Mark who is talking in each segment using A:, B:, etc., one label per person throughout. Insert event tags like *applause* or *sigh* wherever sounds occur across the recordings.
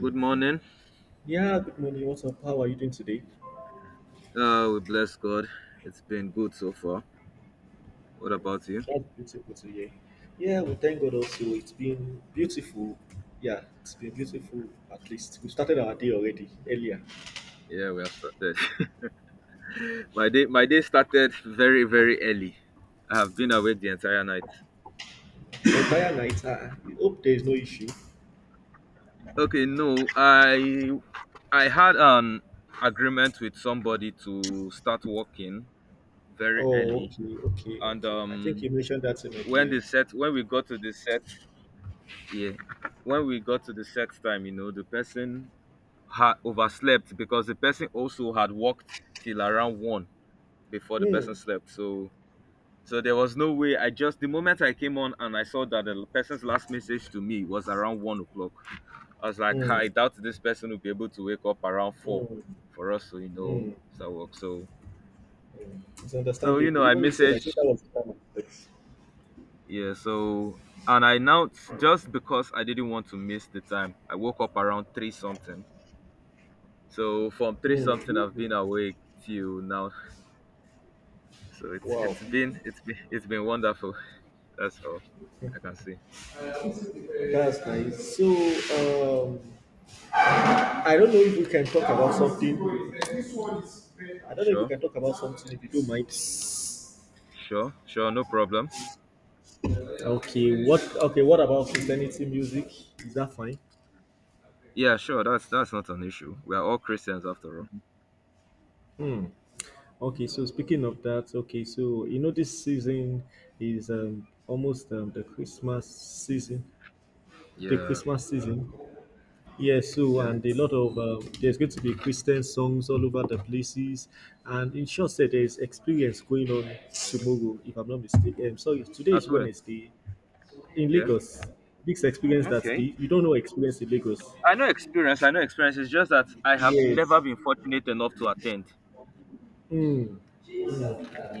A: Good morning.
B: Yeah, good morning. What's up? How are you doing today?
A: We bless God. It's been good so far. What about you?
B: That's beautiful today. Yeah, we thank God also. It's been beautiful. Yeah, it's been beautiful. At least we started our day already earlier.
A: Yeah, we have started. *laughs* My day started very, very early. I have been awake the entire night.
B: The entire night. I hope there is no issue.
A: Okay, no, I had an agreement with somebody to start working very
B: Oh,
A: early,
B: okay, okay,
A: and
B: okay. I think you
A: um,
B: mentioned that in my game.
A: when we got to the set, yeah, when we got to the set time, the person had overslept because the person also had worked till around 1 before the person
B: Hmm.
A: slept. So there was no way. I just The moment I came on and I saw that the person's last message to me was around 1 o'clock, I was like, "Ah,
B: Hmm.
A: I doubt this person will be able to wake up around 4
B: Hmm.
A: for us to
B: Hmm.
A: start work."
B: Hmm. It's understandable.
A: I
B: Even we said I think that
A: messaged.
B: was the time. I expected.
A: Yeah. So and I now, just because I didn't want to miss the time, I woke up around 3 something. So from 3
B: Hmm.
A: something, I've been
B: Hmm.
A: awake till now. So it's
B: Wow,
A: it's been it's been it's been wonderful. That's all I can say.
B: that's nice. So, um, I don't know if we can talk about something. I don't know if we
A: Sure.
B: can talk about something if you don't mind.
A: Sure, sure, no problem.
B: Okay, what about Christianity music? Is that fine?
A: Yeah, sure, that's not an issue. We are all Christians after all.
B: Hmm. Okay, so speaking of that, okay, so you know this season is almost the Christmas season. The
A: Yeah,
B: Christmas season. Yeah, so
A: yeah.
B: and a lot of there's going to be Christian songs all over the places, and in short, said there's experience going on tomorrow, if I'm not mistaken. Sorry, today is
A: That's where.
B: Wednesday, in
A: Yeah.
B: Lagos. This experience that
A: Okay.
B: the, you don't know experience in Lagos.
A: I know experience, I know experience. It's just that I have
B: Yes.
A: never been fortunate enough to attend.
B: Hmm.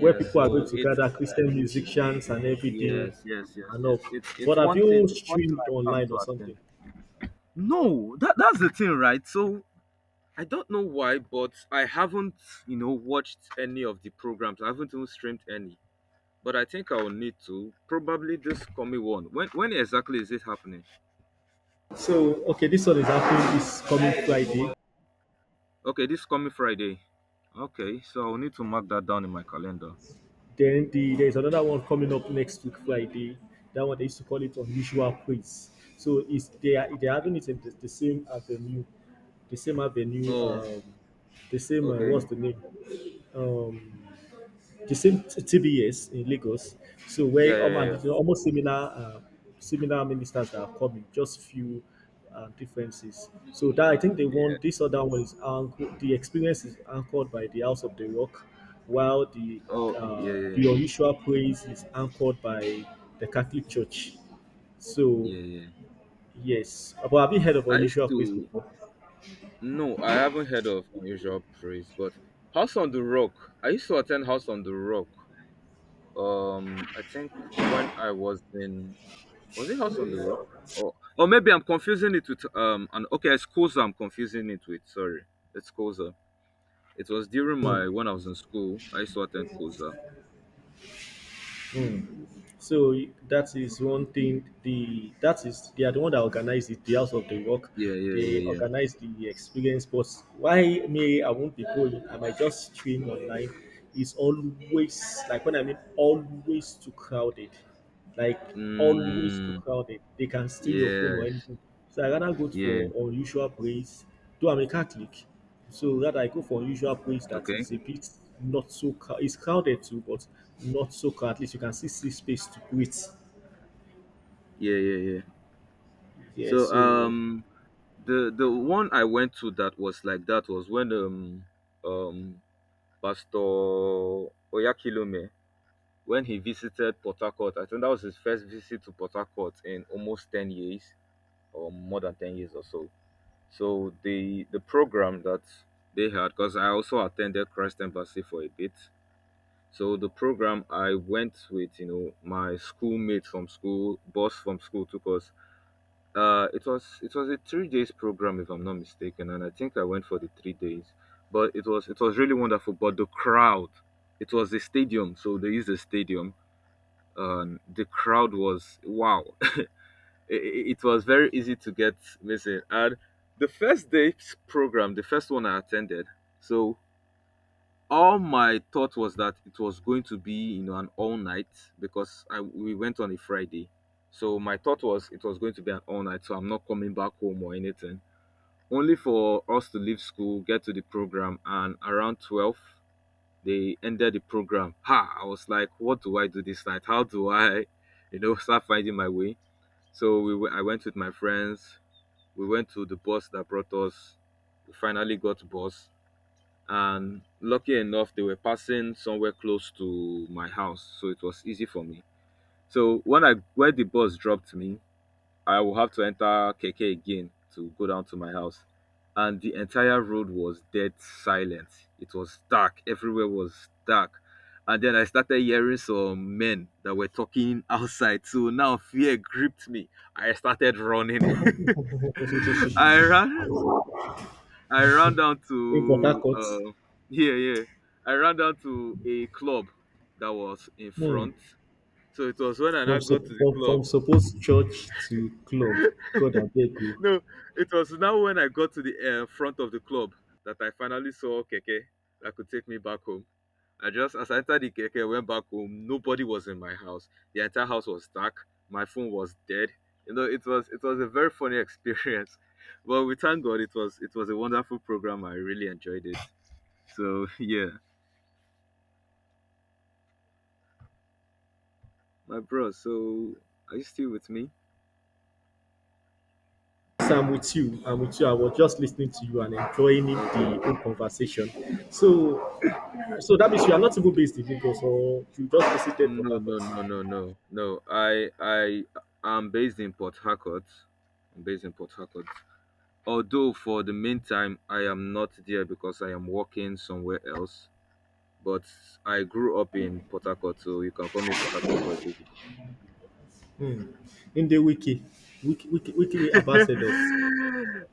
B: Where people are going
A: so
B: to gather
A: it's
B: Christian musicians and everything
A: yes, yes, yes,
B: and all.
A: yes. It's
B: But
A: it's
B: have you
A: one thing
B: streamed
A: I can't
B: online or
A: to attend.
B: something?
A: No, that's the thing, right? So I don't know why, but I haven't, watched any of the programs. I haven't even streamed any. But I think I will need to probably this coming one. When exactly is it happening?
B: So okay, this one is happening this coming Friday.
A: Okay, this coming Friday. Okay, so I'll need to mark that down in my calendar.
B: Then there's another one coming up next week Friday. That one they used to call it unusual praise. So it's they are they're having it in the same avenue, the same avenue,
A: Oh,
B: the same
A: okay.
B: what's the name? Um, the same TBS in Lagos. So
A: Yeah,
B: where
A: yeah, yeah, yeah.
B: almost, you know, almost similar similar ministers that are coming, just few differences. So that I think they
A: Yeah.
B: want this other one is anchored, the experience is anchored by the House of the Rock, while the
A: Oh, yeah, yeah,
B: uh, the
A: yeah,
B: unusual praise is anchored by the Catholic Church. So
A: yeah. Yeah.
B: yes, but have you heard of
A: I used
B: unusual praise
A: to.
B: before?
A: No, I haven't heard of Unusual Praise, but House on the Rock. I used to attend House on the Rock. I think when I was in Was it House on the Rock? Or maybe I'm confusing it with an okay, it's Koza I'm confusing it with. Sorry. It's Koza. It was during my When I was in school, I used to attend Koza.
B: So that is one thing. The That is they are the one that organized it, the house of the work.
A: Yeah, yeah, yeah,
B: They
A: yeah.
B: organize the experience. But why me? I won't be going. I might just stream online. It's always like, when I mean, always too crowded, like, always too
A: Mm,
B: crowded. They can steal your phone or
A: yes.
B: anything. So I rather go
A: Yeah.
B: for unusual place. Though I'm a Catholic, so rather I go for unusual place that
A: Okay.
B: is a bit not so crowd. It's crowded too, but not so crowded. At least you can still see space to breathe.
A: Yeah, yeah, yeah.
B: Yeah.
A: So
B: So
A: the one I went to, that was when um Pastor Oyakilome, when he visited Port Harcourt. I think that was his first visit to Port Harcourt in almost 10 years, or more than 10 years or so. So the program that they had, because I also attended Christ Embassy for a bit. So the program I went with, my schoolmates from school, boss from school took us. It was a 3 days program if I'm not mistaken, and I think I went for the 3 days. But it was really wonderful. But the crowd, it was a stadium, so they used a stadium. The crowd was wow, it was very easy to get missing. And the first day's program, the first one I attended, so all my thought was that it was going to be, an all night, because we went on a Friday. So my thought was it was going to be an all night, so I'm not coming back home or anything. Only for us to leave school, get to the program, and around 12 they ended the program. Ha! I was like, what do I do this night? How do I, *laughs* start finding my way? So I went with my friends, we went to the bus that brought us. We finally got bus, and lucky enough, they were passing somewhere close to my house, so it was easy for me. So when I where the bus dropped me, I will have to enter keke again to go down to my house, and the entire road was dead silent. It was dark. Everywhere was dark. And then I started hearing some men that were talking outside. So now fear gripped me. I started running.
B: *laughs*
A: *laughs* I ran I ran down
B: in Port
A: to
B: Harcourt.
A: yeah, yeah. I ran down to a club that was in
B: hmm,
A: front. So it was when I now
B: from
A: got
B: sup-
A: to the
B: from
A: club.
B: from supposed church to club.
A: *laughs*
B: God, I beg you.
A: No, it was now when I got to the front of the club that I finally saw keke that could take me back home. I just as I entered the keke, went back home. Nobody was in my house. The entire house was dark. My phone was dead. It was a very funny experience. *laughs* But we thank God it was a wonderful program. I really enjoyed it. So *laughs* yeah. My bro, so are you still with me?
B: So I'm with you. I'm with you. I was just listening to you and enjoying the
A: Okay.
B: whole conversation. So So that means you are not even based in Lagos or you just visited Port
A: No,
B: Harcourt.
A: no, no, no, no, no. I am based in Port Harcourt. I'm based in Port Harcourt. Although for the meantime I am not there because I am working somewhere else. But I grew up in Port Harcourt, so you can call me Port Harcourt boy. Basically.
B: In the wiki, wiki, wiki, wiki
A: *laughs* uh,
B: ambassadors.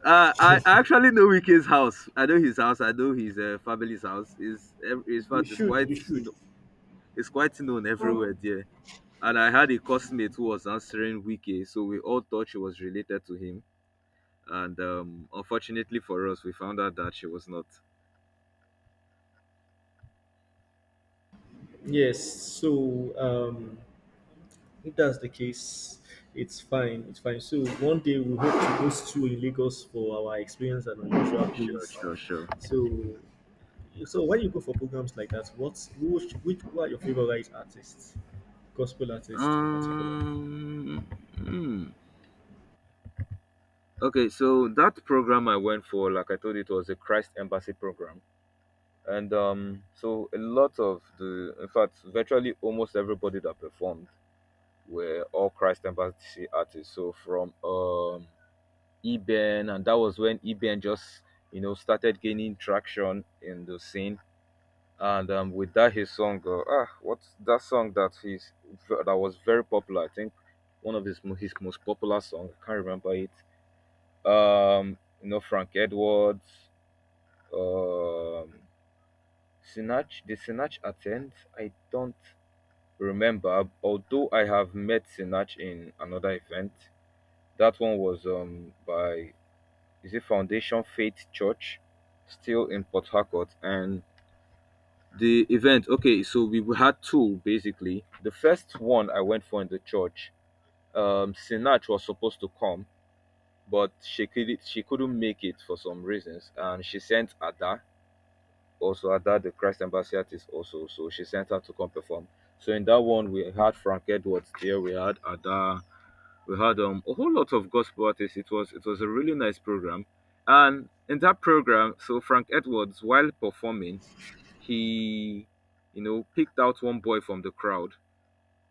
A: I actually know Wike's house. I know his house. I know his family's house. Is In
B: You
A: fact,
B: should, you should.
A: it's quite known everywhere there. And I had a coursemate who was answering Wiki, so we all thought she was related to him. And unfortunately for us, we found out that she was not.
B: Yes. So if that's the case, it's fine. It's fine. So one day we hope to host you in Lagos for our experience and unusual
A: Sure,
B: quiz.
A: sure, sure.
B: So, so when you go for programs like that, what's which who are your favorite artists, gospel artists in particular?
A: Um, hmm. Okay, so that program I went for, like I told you, it was a Christ Embassy program. And so a lot of the, in fact, virtually almost everybody that performed were all Christ Embassy artists. So from EBN, and that was when EBN just started gaining traction in the scene. And with that, his song, what's that song that he's that was very popular? I think one of his most popular song. I can't remember it. You know Frank Edwards, um, Sinach. Did Sinach attend? I don't remember. Although I have met Sinach in another event. That one was by is a Foundation Faith Church, still in Port Harcourt. And the event, okay, so we had two basically. The first one I went for in the church, Sinach was supposed to come, but she couldn't make it for some reasons, and she sent Ada. Also, Ada, the Christ Ambassador, is also, so she sent her to come perform. So in that one, we had Frank Edwards there, we had Ada, we had a whole lot of gospel artists. It was a really nice program, and in that program, so Frank Edwards, while performing, he picked out one boy from the crowd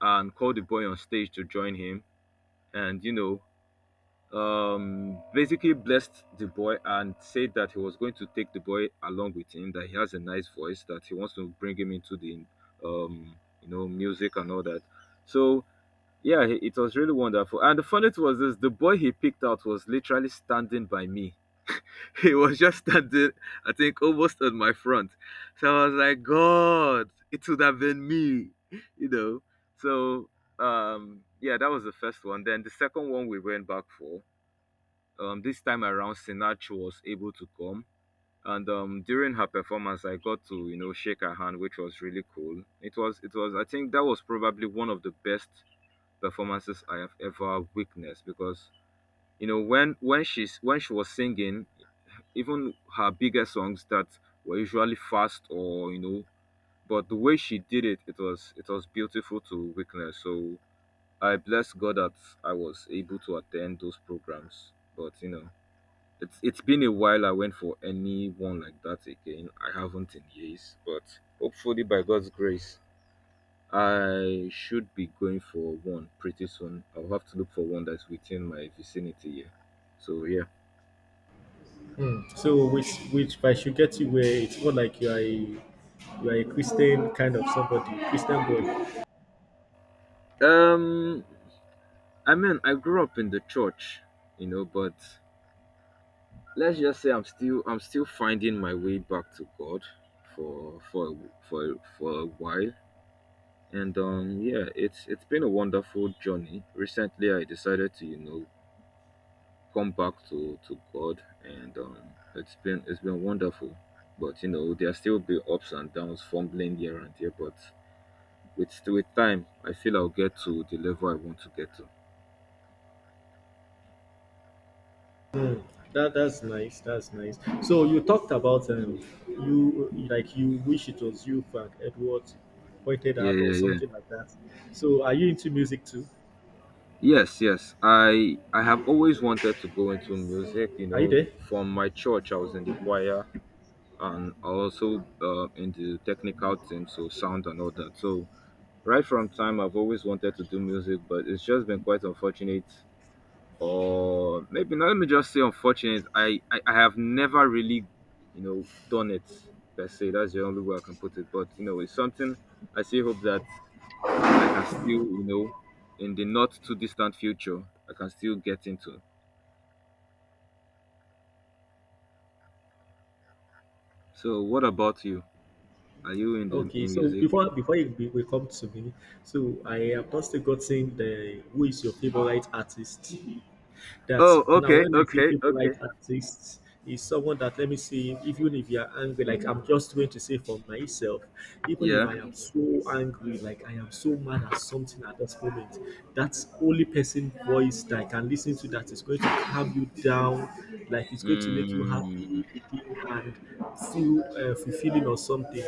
A: and called the boy on stage to join him, and basically blessed the boy and said that he was going to take the boy along with him, that he has a nice voice, that he wants to bring him into the um music and all that, so yeah, it was really wonderful. And the funny thing was, this, the boy he picked out, was literally standing by me. *laughs* He was just standing, I think, almost on my front. So I was like, God, it would have been me, you know. So yeah, that was the first one. Then the second one we went back for. This time around, Sinatra was able to come. And during her performance I got to, shake her hand, which was really cool. It was I think that was probably one of the best performances I have ever witnessed, because when she's when she was singing, even her bigger songs that were usually fast, or but the way she did it, it was beautiful to witness, so I bless God that I was able to attend those programs. But it's been a while I went for anyone like that again. I haven't in years, but hopefully by God's grace I should be going for one pretty soon. I'll have to look for one that's within my vicinity here. So yeah.
B: So which by should get you where it's more like you are a Christian kind of somebody, Christian boy.
A: Um I mean I grew up in the church, but let's just say I'm still finding my way back to God for for for a while. And yeah, it's been a wonderful journey. Recently I decided to, come back to God, and it's been wonderful. But there still be ups and downs, fumbling here and there. But with time, I feel I'll get to the level I want to get to.
B: That's nice. That's nice. So you talked about you wish it was you Frank Edwards pointed
A: Yeah,
B: out or
A: yeah, yeah.
B: something like that. So are you into music too?
A: Yes, yes. I have always wanted to go into music. You
B: Are you
A: know,
B: there?
A: from my church, I was in the choir, and also in the technical team, so sound and all that. So right from time, I've always wanted to do music, but it's just been quite unfortunate or maybe not, let me just say unfortunate. I have never really, you know, done it per se. That's the only way I can put it. But you know, it's something I still hope that I can still, you know, in the not too distant future, I can still get into. So, what about you? Are you in the
B: Okay,
A: in
B: so
A: music?
B: before you, we come to me, so I have not still gotten the who is your favorite artist. That
A: Oh,
B: now
A: okay,
B: when I say
A: okay,
B: favorite
A: okay.
B: artist is someone that let me see even if you are angry, like I'm just going to say for myself, even if
A: Yeah.
B: I am so angry, like I am so mad at something at this moment, that's only person voice that I can listen to that is going to have you down, like it's going to make you
A: Mm,
B: happy and feel fulfilling or something.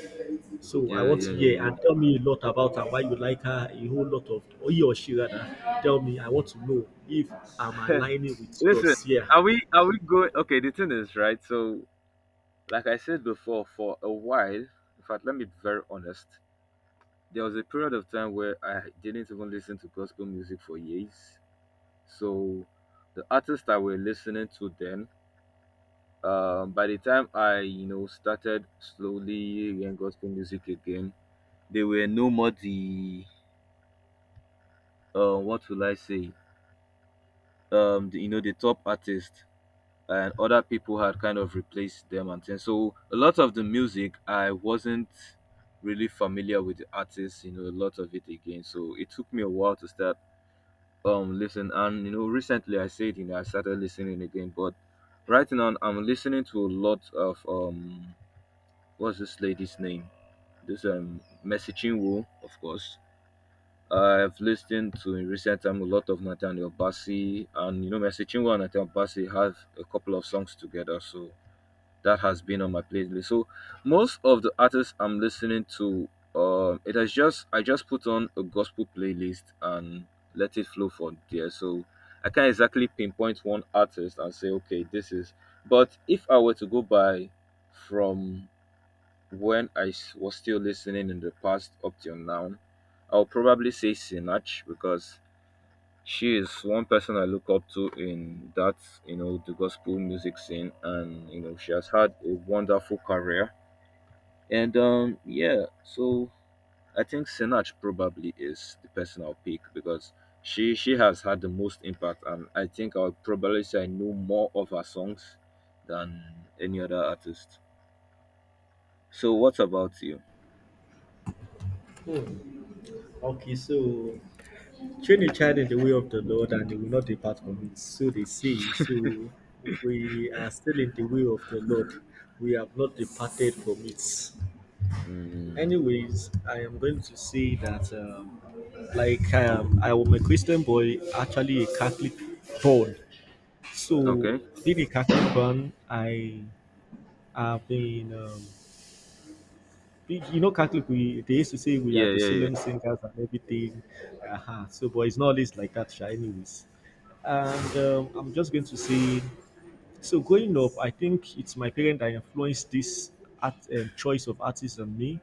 B: So I
A: yeah,
B: want
A: yeah,
B: to hear and
A: yeah,
B: tell me a lot about her, why you like her, a whole lot of or he or she rather. Tell me, I want to know if I'm
A: yeah.
B: aligning
A: *laughs*
B: with
A: Listen,
B: yours here.
A: are we going? Okay, the thing is, right? So like I said before, for a while, in fact, let me be very honest, there was a period of time where I didn't even listen to gospel music for years. So the artists I were listening to then, by the time I, you know, started slowly hearing gospel music again, they were no more the, what will I say, the, you know, the top artists. And other people had kind of replaced them and things. So a lot of the music I wasn't really familiar with the artists, you know, a lot of it again. So it took me a while to start listen, and you know recently I said, you know, I started listening again, but right now I'm listening to a lot of what's this lady's name? This Messaging, woo, of course. I've listened to in recent time a lot of Nathaniel Bassi, and you know Messaging and Nathaniel Bassi have a couple of songs together, so that has been on my playlist. So most of the artists I'm listening to, it has just, I just put on a gospel playlist and let it flow from there. So I can't exactly pinpoint one artist and say okay this is. But if I were to go by from when was still listening in the past up till now, I'll probably say Sinach because she is one person I look up to in that, you know, the gospel music scene, and you know she has had a wonderful career. And yeah, so I think Sinach probably is the person I'll pick because she has had the most impact, and I think I'll probably say I know more of her songs than any other artist. So what about you?
B: Hmm. Okay, so train a child in the way of the Lord and they will not depart from it. So they say, so we are still in the way of the Lord. We have not departed from it.
A: Mm,
B: Anyways, I am going to say that, like, I am a Christian boy, actually a Catholic born. So,
A: okay.
B: being a Catholic born, I have been, Catholic, we they used to say we are
A: Yeah,
B: the
A: yeah, yeah.
B: solemn singers and everything. Uh-huh. So, but it's not always like that, sha, anyways. And I'm just going to say. So growing up, I think it's my parents that influenced this art choice of artists on me,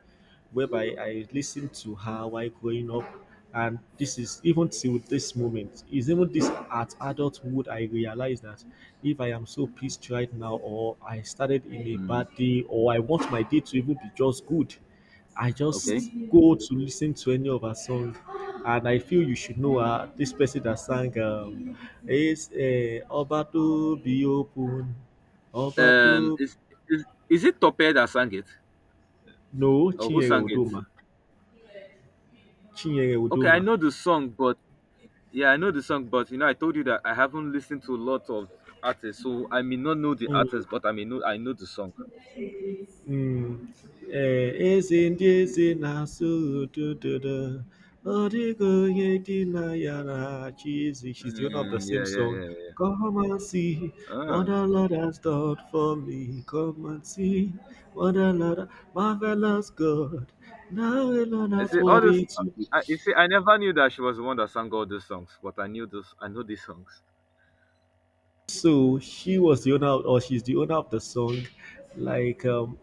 B: whereby I listened to her while growing up, and this is even till this moment. Is even this at adulthood I realize that if I am so pissed right now, or I started in a bad
A: Mm,
B: day, or I want my day to even be just good. I just
A: okay.
B: go to listen to any of her song, and I feel you should know her. This person that sang, is Oba to be open, Oba
A: Um,
B: to
A: is, is it Topé that sang it,
B: no
A: or who
B: Chinyere
A: sang it?
B: Udoma, Chinyere
A: Okay, I
B: Udoma.
A: know the song, but yeah, I know the song, but you know, I told you that I haven't listened to a lot of artists, so I may not know the
B: Mm.
A: artist, but I may know, I know the song.
B: Mm. Eh, eze ndị eze do do. Ududo. Ọdịgo onye dị na ya na-achị eze. She's doing up the
A: Mm,
B: same
A: yeah, yeah,
B: song.
A: yeah, yeah.
B: Come and see what
A: Ah.
B: the Lord has done for me. Come and see what the Lord, marvelous God. Now alone
A: You
B: that's
A: see, all
B: worthy
A: this.
B: to be.
A: I, you see, I never knew that she was the one that sang all those songs, but I knew those. I know these songs.
B: So she was the owner, or she's the owner of the song. Like,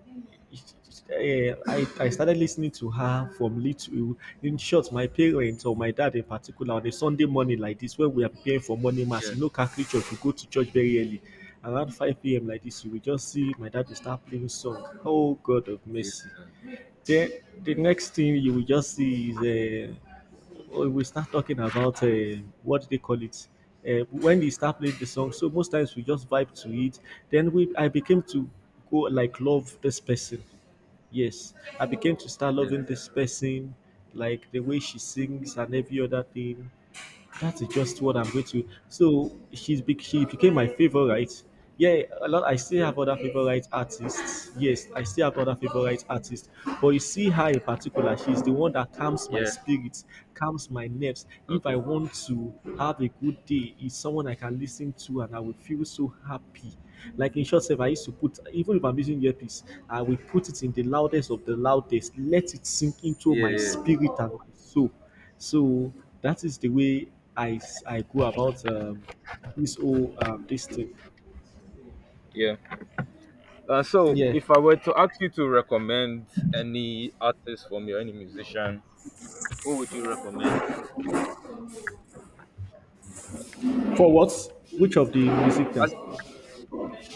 B: eh, I started listening to her from little. In short, my parents or my dad in particular on a Sunday morning like this, when we are preparing for morning mass
A: Yeah,
B: in local church, we go to church very early, around five p.m. like this. You will just see my dad will start playing song. Oh God of
A: yeah,
B: mercy! Then the next thing you will just see is uh, oh, we start talking about what do they call it, when they start playing the song. So most times we just vibe to it, then we I became to go like love this person. Yes, I became to start
A: yeah,
B: loving this person, like the way she sings and every other thing. That is just what I'm going to. So she became my favorite. Yeah, a lot. I still
A: yeah,
B: have other favorite artists. Yes, I still have other favorite artists. But you see her in particular, she's the one that calms my
A: yeah.
B: spirit, calms my nerves. If I
A: Okay.
B: want to have a good day, is someone I can listen to and I will feel so happy. Like in short, self, I used to put even if I'm using earpiece, I will put it in the loudest of the loudest, let it sink into
A: Yeah,
B: my
A: yeah,
B: spirit and my soul. So that is the way I go about this whole, this thing.
A: yeah. So,
B: Yeah.
A: if I were to ask you to recommend any artist from your any musician, who would you recommend?
B: For what? Which of the music then?
A: As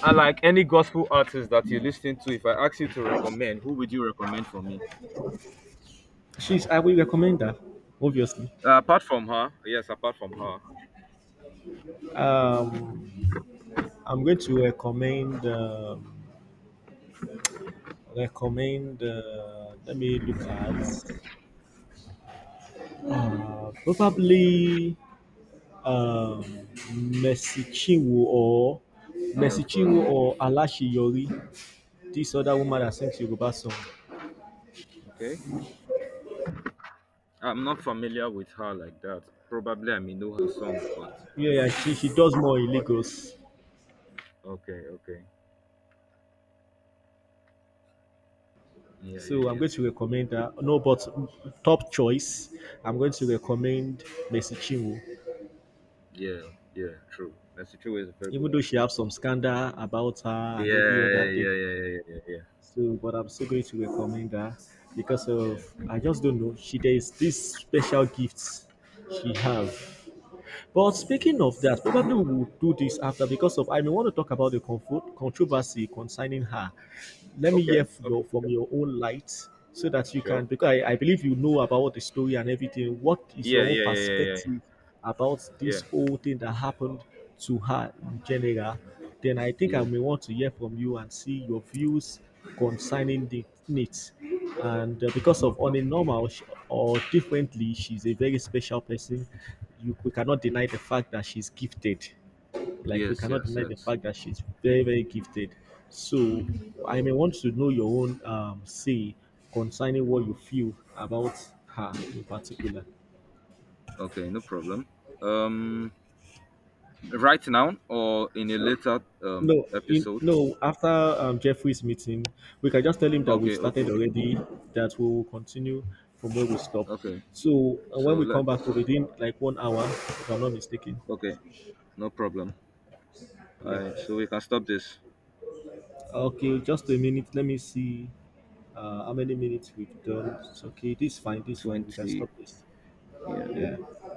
A: I like any gospel artist that you listen to. If I ask you to recommend, who would you recommend for me?
B: She's I will recommend that, obviously.
A: Apart from her, yes, apart from her,
B: Um, I'm going to recommend. Let me look at probably um, Mercy Chinwo or
A: yeah,
B: Mercy
A: of
B: Chinwo
A: course.
B: or Alashiyori. This other woman that sings Yoruba song.
A: Okay, I'm not familiar with her like that. Probably I may know her song,
B: Yeah, yeah, she does more in
A: but
B: Lagos.
A: okay, okay, yeah, yeah,
B: So I'm
A: yeah,
B: going to recommend her. No, but top choice, I'm going to recommend Mercy Chinwo.
A: yeah, yeah. True. Mercy True is a very good
B: Even though she
A: artist.
B: have some scandal about her and every
A: Yeah,
B: other thing.
A: yeah, yeah, yeah, yeah, yeah, yeah,
B: So, but I'm still going to recommend her because of
A: yeah.
B: I just don't know. She There is this special gifts she have. But speaking
A: Mm.
B: of that, probably we will do this after because of I may want to talk about the controversy concerning her. Let me hear
A: Okay, okay,
B: from your own light so that you can,
A: sure.
B: because I believe you know about the story and everything. What is
A: Yeah,
B: your own
A: yeah, yeah, yeah, yeah,
B: perspective about
A: yeah.
B: this whole thing that happened to her in general? Then I think I
A: Yeah.
B: may want to hear from you and see your views concerning the needs. And because
A: No,
B: of on
A: no.
B: a normal or differently, she's a very special person. We cannot deny the fact that she's gifted. Like we
A: Yes,
B: cannot
A: yes,
B: deny the
A: yes.
B: fact that she's very very gifted. So I may want to know your own say concerning what you feel about her in particular.
A: Okay, no problem. Um, right now or in a later
B: No,
A: episode.
B: no. After Jeffrey's meeting, we can just tell him that we've
A: Okay, okay,
B: started
A: okay, okay.
B: already. That we will continue from where we stop.
A: Okay,
B: So when
A: so
B: we come back, we'll
A: let's.
B: be in like 1 hour, if I'm not mistaken.
A: Okay, no problem. All
B: Yeah.
A: right, so we can stop this.
B: Okay, just a minute. Let me see how many minutes we've done. It's okay. This is fine. This is fine. We can stop
A: 20.
B: this.
A: Yeah.
B: Yeah.